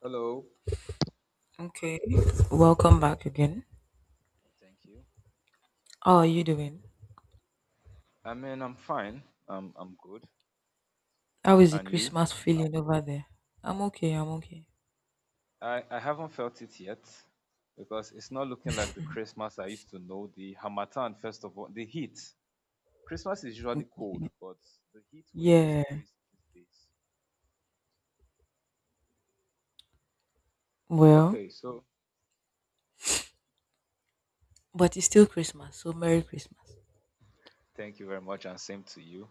Hello. Thank you. I mean, I'm fine. I'm good. And you? I haven't felt it yet because it's not looking like the Christmas I used to know. The Hamatan festival, the heat. Christmas is usually cold, but the heat wave is crazy these days. Okay, so thank you very much, and same to you.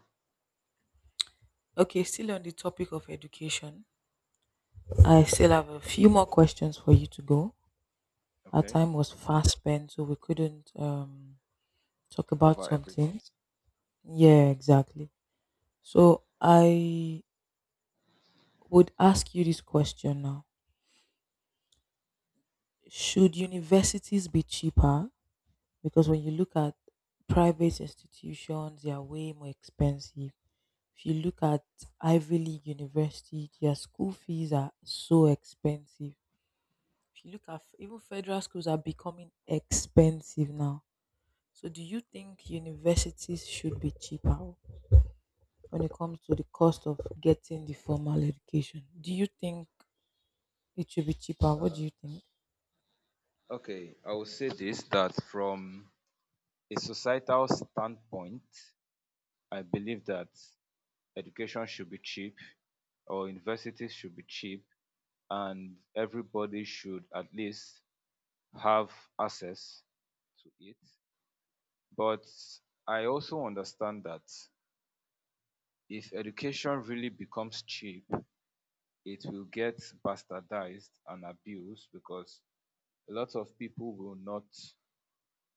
Okay, cover everything. Uh, okay, I will say this that from a societal standpoint, I believe that education should be cheap or universities should be cheap and everybody should at least have access to it. But I also understand that if education really becomes cheap, it will get bastardized and abused because a lot of people will not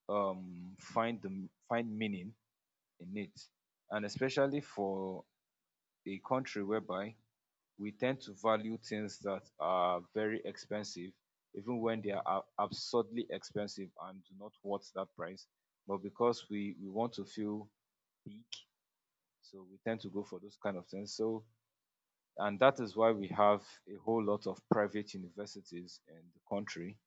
find find meaning in it, and especially for a country whereby we tend to value things that are very expensive even when they are absurdly expensive and do not worth that price, but because we want to feel big, so we tend to go for those kind of things. So and that is why we have a whole lot of private universities in the country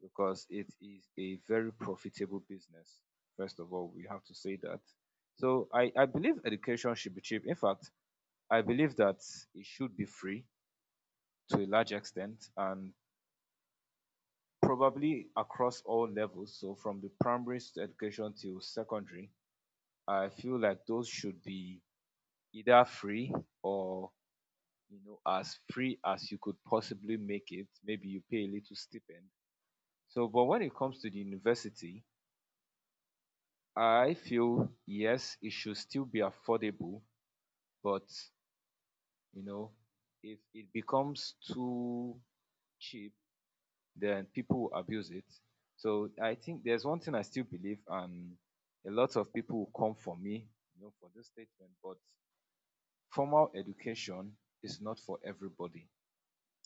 because it is a very profitable business. First of all, we have to say that. So I believe education should be cheap. In fact, I believe that it should be free to a large extent and probably across all levels. So from the primary education till secondary, I feel like those should be either free or, you know, as free as you could possibly make it. Maybe you pay a little stipend. So, but when it comes to the university, I feel yes, it should still be affordable, but, you know, if it becomes too cheap then people will abuse it. So I think there's one thing I still believe, and a lot of people will come for me, you know, for this statement. But formal education is not for everybody,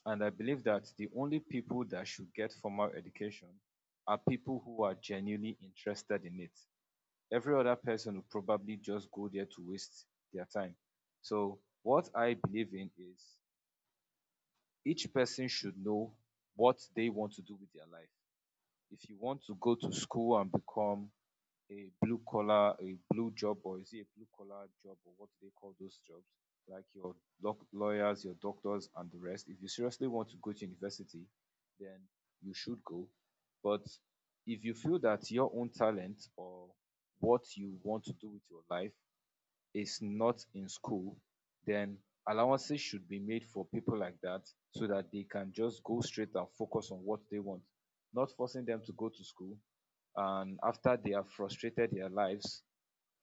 and I believe that the only people that should get formal education are people who are genuinely interested in it. Every other person will probably just go there to waste their time. So what I believe in is each person should know what they want to do with their life. If you want to go to school and become a blue collar, a blue job, or is it a blue collar job, or what do they call those jobs? Like your lawyers, your doctors, and the rest. If you seriously want to go to university, then you should go. But if you feel that your own talent or what you want to do with your life is not in school, then allowances should be made for people like that so that they can just go straight and focus on what they want, not forcing them to go to school and after they have frustrated their lives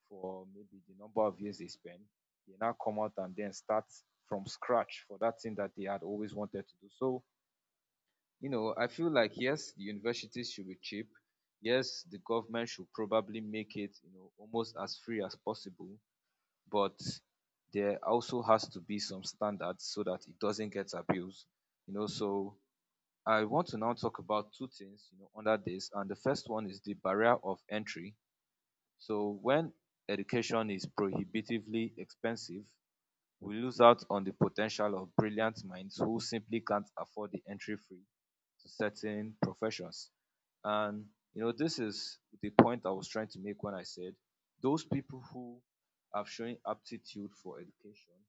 for maybe the number of years they spend, they now come out and then start from scratch for that thing that they had always wanted to do. So, you know, I feel like yes, the universities should be cheap. Yes, the government should probably make it, you know, almost as free as possible, but there also has to be some standards so that it doesn't get abused. You know, so I want to now talk about two things, you know, under this. And the first one is the barrier of entry. So when education is prohibitively expensive, we lose out on the potential of brilliant minds who simply can't afford the entry fee to certain professions. And, you know, this is the point I was trying to make when I said those people who have shown aptitude for education,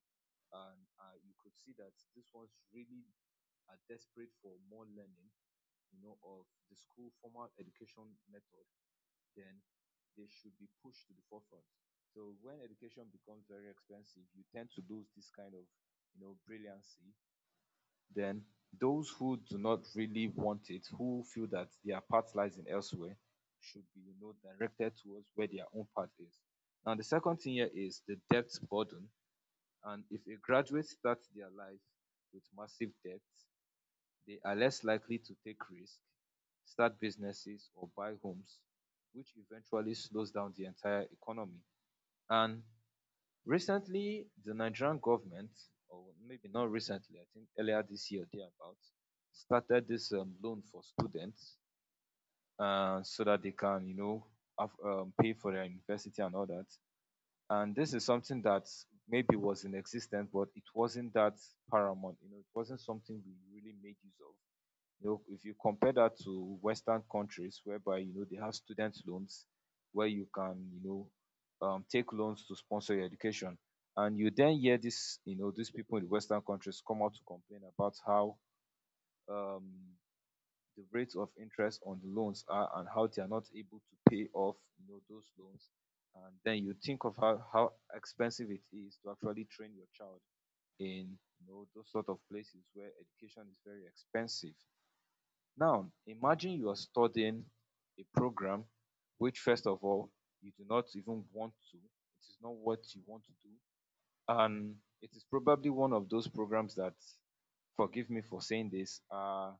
and you could see that this ones really are desperate for more learning, you know, of the school formal education method, then they should be pushed to the forefront. So when education becomes very expensive, you tend to lose this kind of, you know, brilliancy. Then those who do not really want it, who feel that their part lies in elsewhere, should be, you know, directed towards where their own part is. Now the second thing here is the debt burden, and if a graduate starts their life with massive debt, they are less likely to take risk, start businesses, or buy homes, which eventually slows down the entire economy. And recently, the Nigerian government, or maybe not recently, I think earlier this year, thereabouts, started this loan for students so that they can, you know, have, pay for their university and all that. And this is something that maybe was in existence, but it wasn't that paramount. You know, it wasn't something we really made use of. You know, if you compare that to Western countries whereby, you know, they have student loans where you can, you know, take loans to sponsor your education. And you then hear this, you know, these people in the Western countries come out to complain about how um, the rates of interest on the loans are and how they are not able to pay off, you know, those loans. And then you think of how expensive it is to actually train your child in, you know, those sort of places where education is very expensive. Now, imagine you are studying a program which, first of all, you do not even want to. It is not what you want to do. And it is probably one of those programs that, forgive me for saying this, are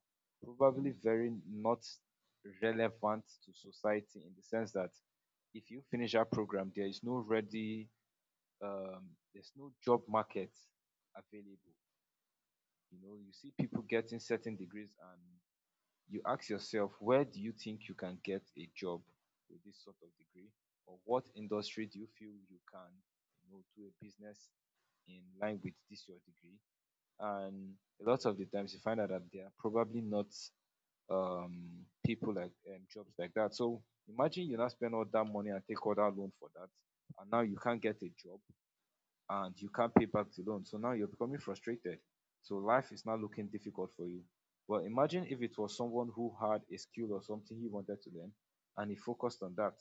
probably very not relevant to society in the sense that if you finish that program, there is no ready, there's no job market available. You know, you see people getting certain degrees and you ask yourself, where do you think you can get a job with this sort of degree, or what industry do you feel you can, you know, do a business in line with this your degree? And a lot of the times you find out that there are probably not people like jobs like that. So imagine you now spend all that money and take all that loan for that, and now you can't get a job and you can't pay back the loan. So now you're becoming frustrated. So life is now looking difficult for you. Well, imagine if it was someone who had a skill or something he wanted to learn and he focused on that.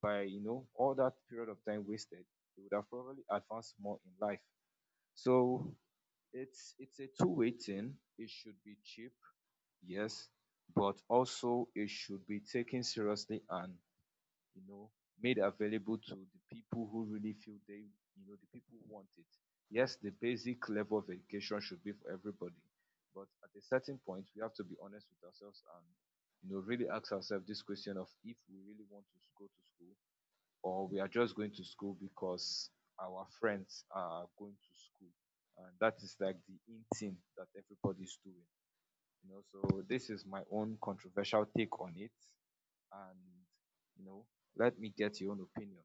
By, you know, all that period of time wasted, he would have probably advanced more in life. So it's a two-way thing. It should be cheap, yes, but also it should be taken seriously and, you know, made available to the people who really feel they, you know, the people who want it. Yes, the basic level of education should be for everybody, but at a certain point, we have to be honest with ourselves and, you know, really ask ourselves this question of if we really want to go to school or we are just going to school because our friends are going to school. And that is like the in thing that everybody's doing. You know, so this is my own controversial take on it, and, you know, let me get your own opinion.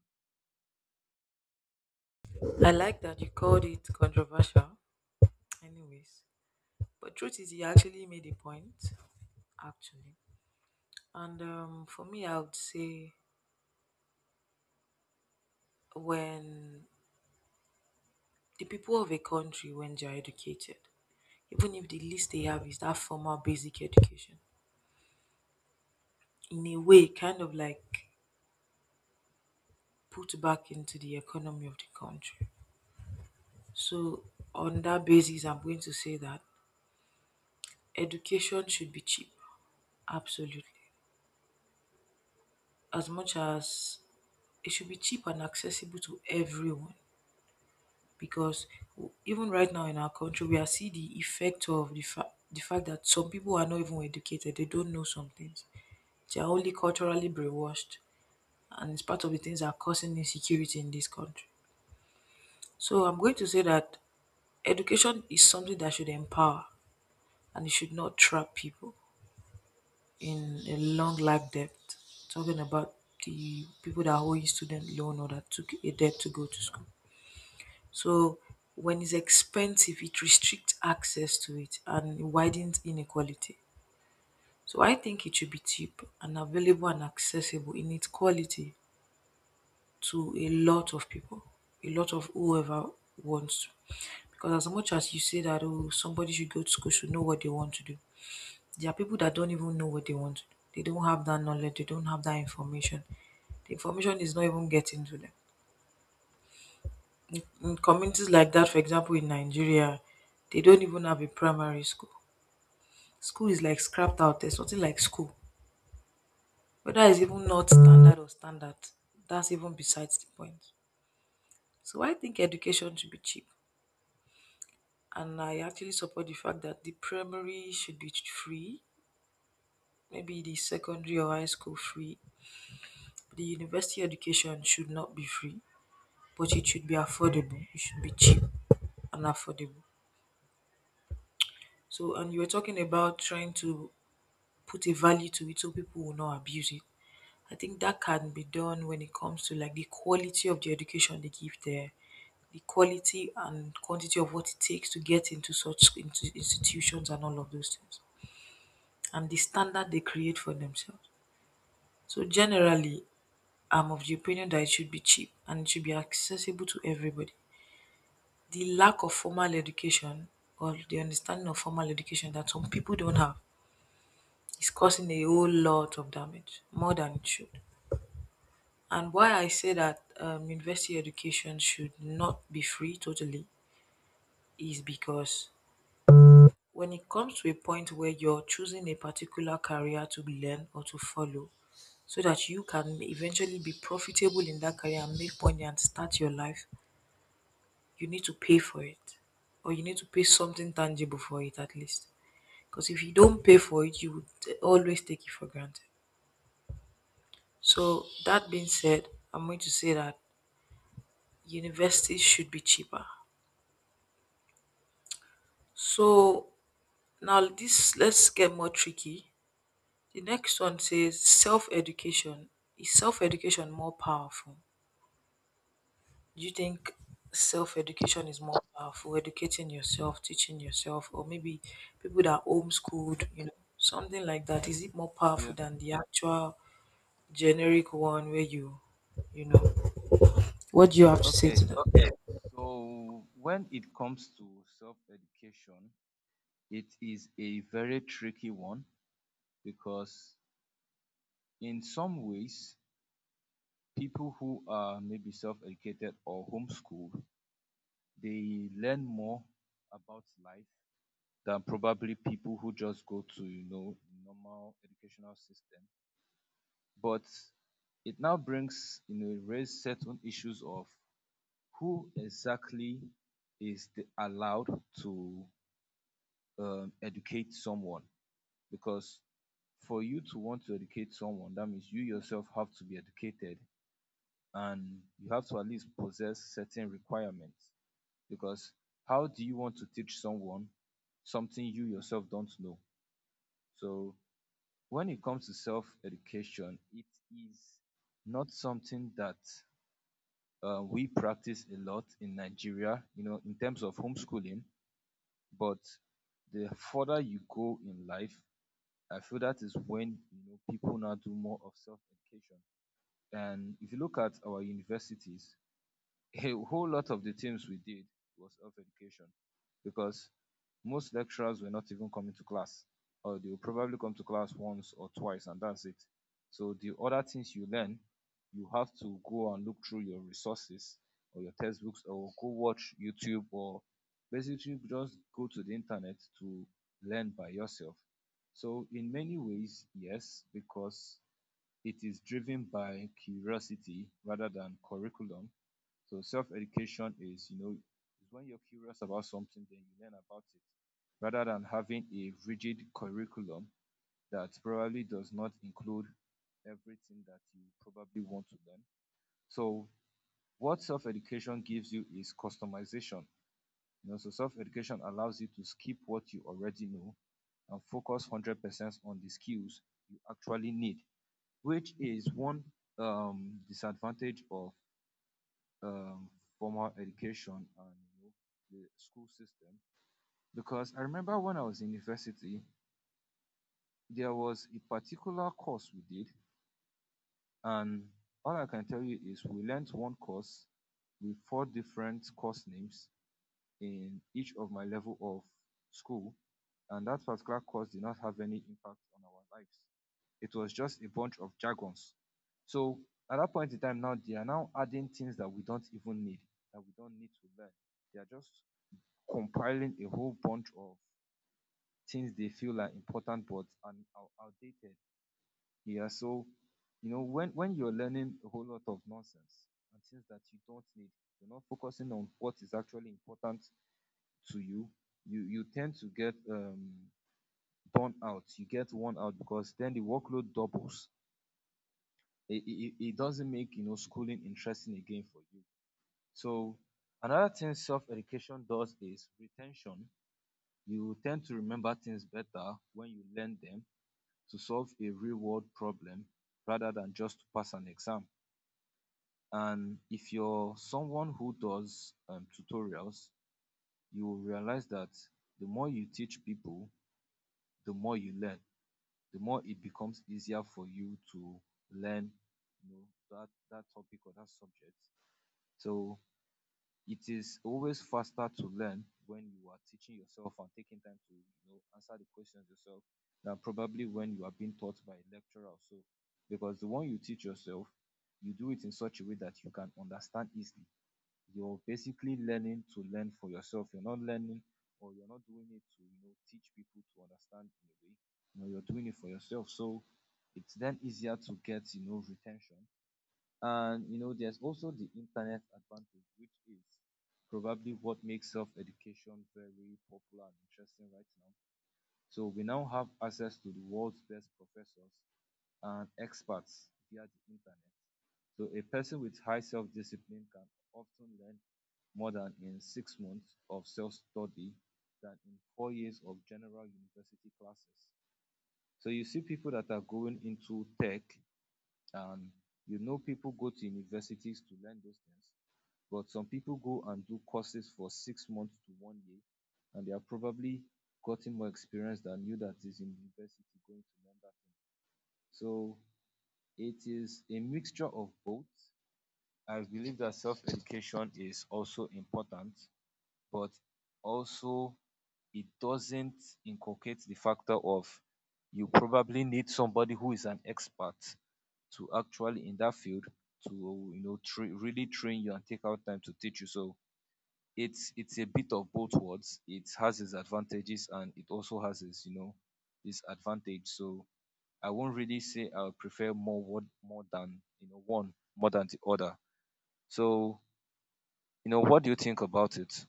Yeah. Okay, so when it comes to self education, it is a very tricky one because in some ways people who are maybe self educated or homeschooled, they learn more about life than probably people who just go to, you know, normal educational system. But it now brings, you know, raise certain issues of who exactly is the allowed to educate someone, because for you to want to educate someone, that means you yourself have to be educated and you have to at least possess certain requirements, because how do you want to teach someone something you yourself don't know? So when it comes to self education, it is not something that we practice a lot in Nigeria, you know, in terms of homeschooling. But the further you go in life, I feel that is when, you know, people now do more of self-education. And if you look at our universities, a whole lot of the things we did was self-education because most lecturers were not even coming to class, or they will probably come to class once or twice and that's it. So the other things you learn, you have to go and look through your resources or your textbooks or go watch YouTube or basically just go to the internet to learn by yourself. So in many ways, yes, because it is driven by curiosity rather than curriculum. So self-education is, you know, is when you're curious about something, then you learn about it, rather than having a rigid curriculum that probably does not include everything that you probably want to learn. So what self-education gives you is customization. You know, so self-education allows you to skip what you already know and focus 100% on the skills you actually need, which is one disadvantage of um, formal education and, you know, the school system. Because I remember when I was in university, there was a particular course we did, and all I can tell you is we learned one course with four different course names in each of my level of school, and that particular course did not have any impact on our lives. It was just a bunch of jargons. So at that point in time, now they are now adding things that we don't even need, that we don't need to learn. They are just compiling a whole bunch of things they feel are important but are outdated. Yeah, so you know when you're learning a whole lot of nonsense and things that you don't need, you're not focusing on what is actually important to you. You tend to get burnt out. You get worn out because then the workload doubles. It doesn't make, you know, schooling interesting again for you. So another thing self education does is retention. You tend to remember things better when you learn them to solve a real world problem rather than just to pass an exam. And if you're someone who does tutorials, you will realize that the more you teach people, the more you learn, the more it becomes easier for you to learn, you know, that topic or that subject. So it is always faster to learn when you are teaching yourself and taking time to, you know, answer the questions yourself than probably when you are being taught by a lecturer or so, because the one you teach yourself, you do it in such a way that you can understand easily. You're basically learning to learn for yourself. You're not learning, or you're not doing it to, you know, teach people to understand in a way. You know, you're doing it for yourself, so it's then easier to get, you know, retention. And, you know, there's also the internet advantage, which is probably what makes self-education very popular and interesting right now. So we now have access to the world's best professors and experts via the internet. So a person with high self-discipline can often learn more than in 6 months of self-study than in 4 years of general university classes. So you see people that are going into tech and, you know, people go to universities to learn those things, but some people go and do courses for 6 months to one year and they are probably gotten more experience than you that is in university going to learn that thing. So it is a mixture of both. I believe that self-education is also important, but also it doesn't inculcate the factor of, you probably need somebody who is an expert to actually in that field to, you know, really train you and take out time to teach you. So it's a bit of both worlds. It has its advantages and it also has its, you know, disadvantage. So I won't really say I would prefer more one more than, you know, one more than the other. So, you know, what do you think about it?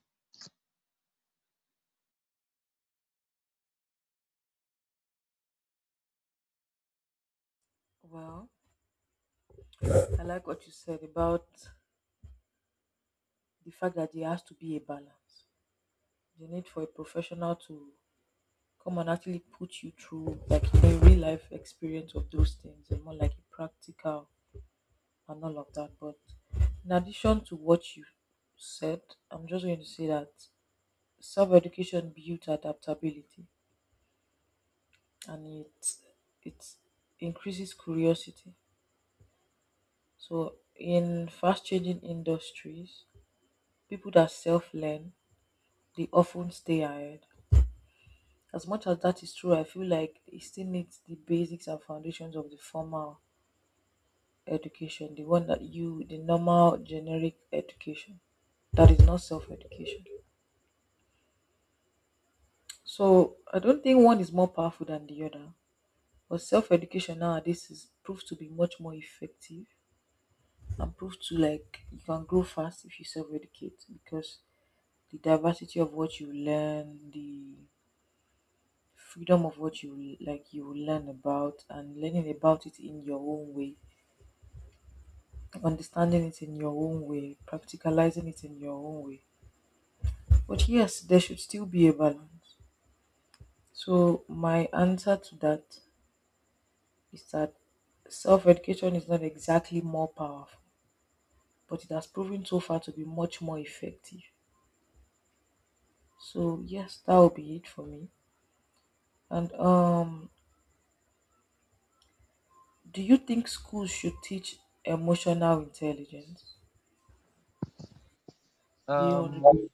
Um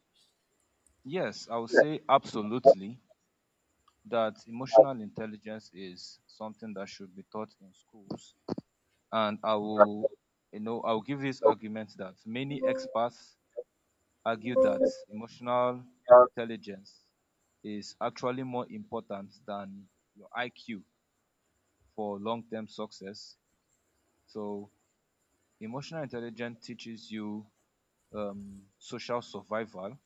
yes, I would Yes, say absolutely that I've emotional intelligence is something that should be taught in schools. And I done a will, you know, I'll give this lot of stuff, argument that many experts argue that emotional intelligence is actually more important than your IQ for long term success. So, emotional intelligence teaches you social survival.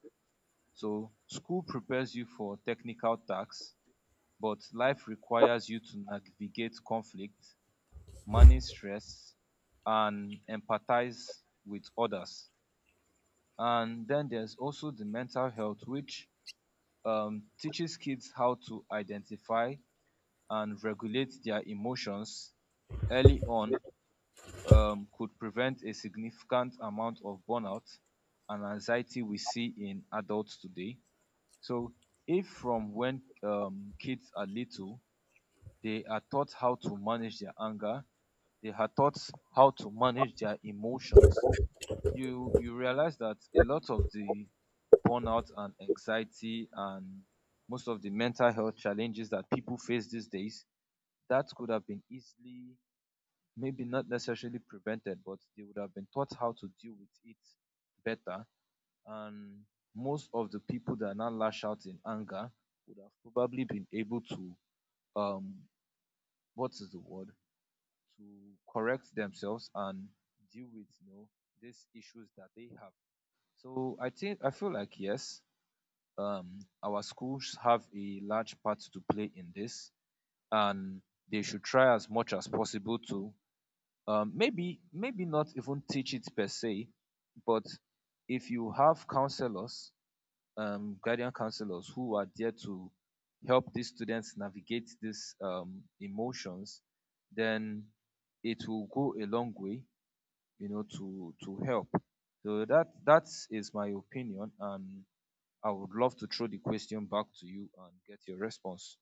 So, school prepares you for technical tasks, but life requires you to navigate conflict, manage stress, and empathize with others. And then there's also the mental health, which teaches kids how to identify and regulate their emotions early on. Um, could prevent a significant amount of burnout and anxiety we see in adults today. So, if from when kids are little, they are taught how to manage their anger. They are taught how to manage their emotions. You realize that a lot of the burnout and anxiety and most of the mental health challenges that people face these days, that could have been easily, maybe not necessarily prevented, but they would have been taught how to deal with it better. And most of the people that now lash out in anger would have probably been able to um what is the word, to correct themselves and deal with, you know, these issues that they have. So I think I feel like yes, our schools have a large part to play in this, and they should try as much as possible to maybe not even teach it per se, but if you have counselors, guardian counselors who are there to help these students navigate these emotions, then it will go a long way, you know, to help, so that that is my opinion. And I would love to throw the question back to you and get your response.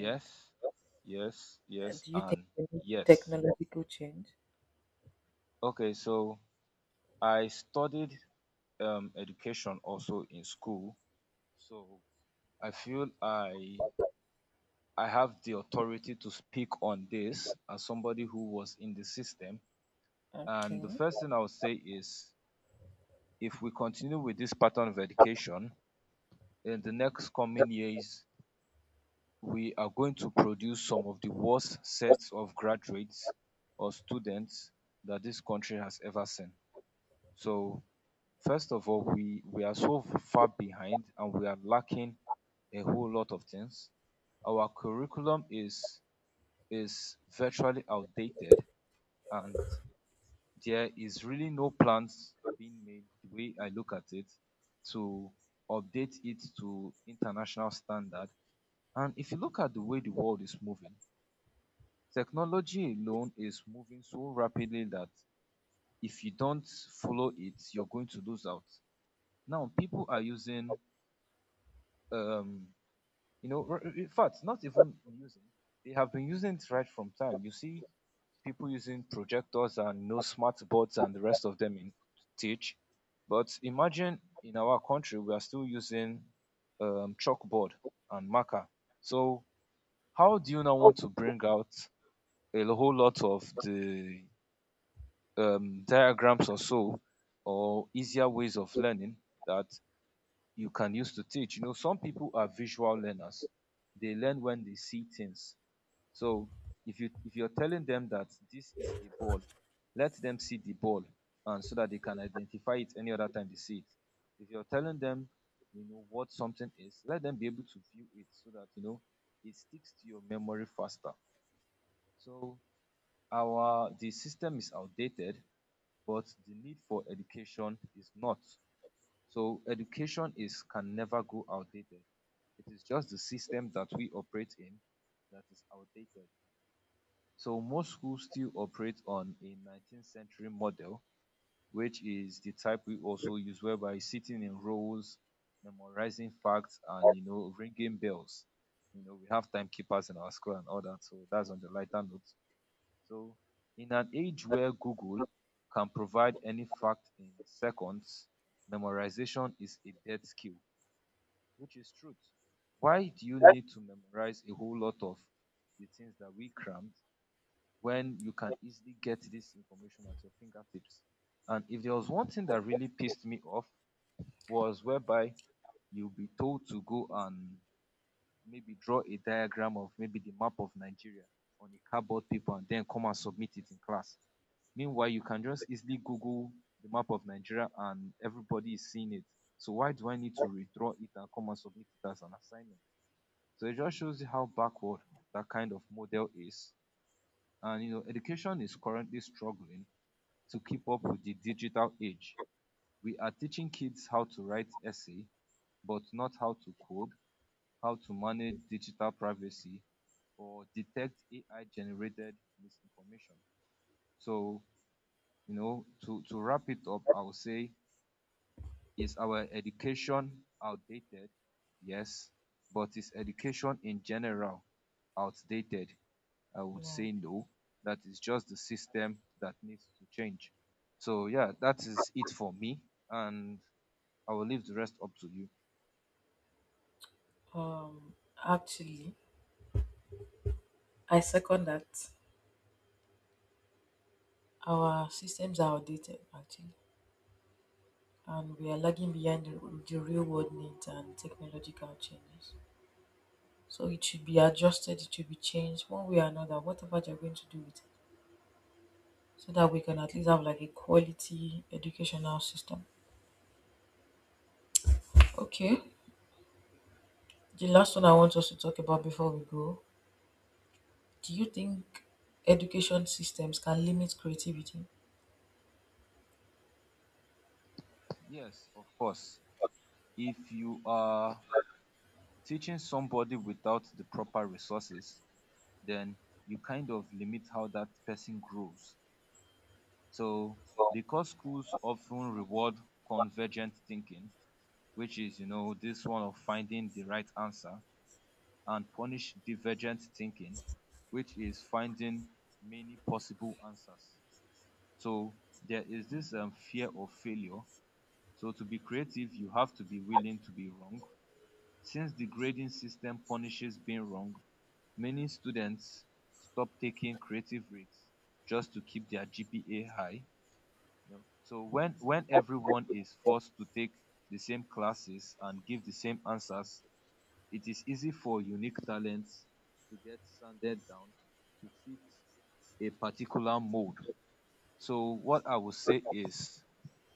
Yes. Yes, yes, and yes. Okay, so I studied education also in school, so I feel I have the authority to speak on this as somebody who was in the system. And the first thing I would say is, if we continue with this pattern of education in the next coming years, we are going to produce some of the worst sets of graduates or students that this country has ever seen. So, first of all, we are so far behind and we are lacking a whole lot of things. Our curriculum is virtually outdated, and there is really no plans being made the way I look at it to update it to international standard. And if you look at the way the world is moving, technology alone is moving so rapidly that if you don't follow it, you're going to lose out. Now, people are using, um, you know, not even using, they have been using it right from time. You see people using projectors and, you know, smart boards and the rest of them in to teach. But imagine in our country, we are still using chalkboard and marker. So, how do you now want to bring out a whole lot of the diagrams or so, or easier ways of learning that you can use to teach. You know, some people are visual learners. They learn when they see things. So if you're telling them that this is a ball, let them see the ball, and so that they can identify it any other time they see it. If you're telling them, you know what something is, let them be able to view it so that, you know, it sticks to your memory faster. So our the system is outdated, but the need for education is not. So education is can never go outdated. It is just the system that we operate in that is outdated. So most schools still operate on a 19th century model, which is the type we also use, whereby sitting in rows, memorizing facts, and, you know, ringing bells. You know, we have timekeepers in our school and all that, so that's on the lighter note. So, in an age but where Google can provide any fact in seconds, memorization is a dead skill, which is truth. Why do you that's need to memorize a whole lot of the things that we crammed when you can easily get this information at your fingertips? And if there was one thing that really pissed me off, was whereby you'll be told to go and maybe draw a diagram of maybe the map of Nigeria on a cardboard paper and then come and submit it in class. Meanwhile, you can just easily Google the map of Nigeria and everybody is seeing it. So why do I need to redraw it and come and submit it as an assignment? So it just shows you how backward that kind of model is. And you know, education is currently struggling to keep up with the digital age. We are teaching kids how to write essay, but not how to code, how to manage digital privacy, or detect AI generated misinformation. So, you know, to wrap it up, I would say, is our education outdated? Yes. But is education in general outdated? I would say no. That is just the system that needs to change. So, yeah, that is it for me. And I will leave the rest up to you. Yes, of course. If you are teaching somebody without the proper resources, then you kind of limit how that person grows. So all. because schools often reward convergent thinking, which is, you know, this one of finding the right answer, and punish divergent thinking, which is finding many possible answers. So there is this fear of failure. So to be creative, you have to be willing to be wrong. Since the grading system punishes being wrong, many students stop taking creative risks just to keep their GPA high. You know, so when everyone is forced to take the same classes and give the same answers, it is easy for unique talents to get sanded down to fit a particular mold. So what I would But say is,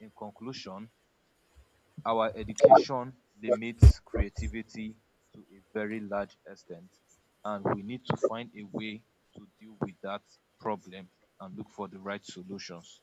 in conclusion, our education that's limits all. creativity to a very large extent, and we need to find a way to deal with that problem and look for the right solutions.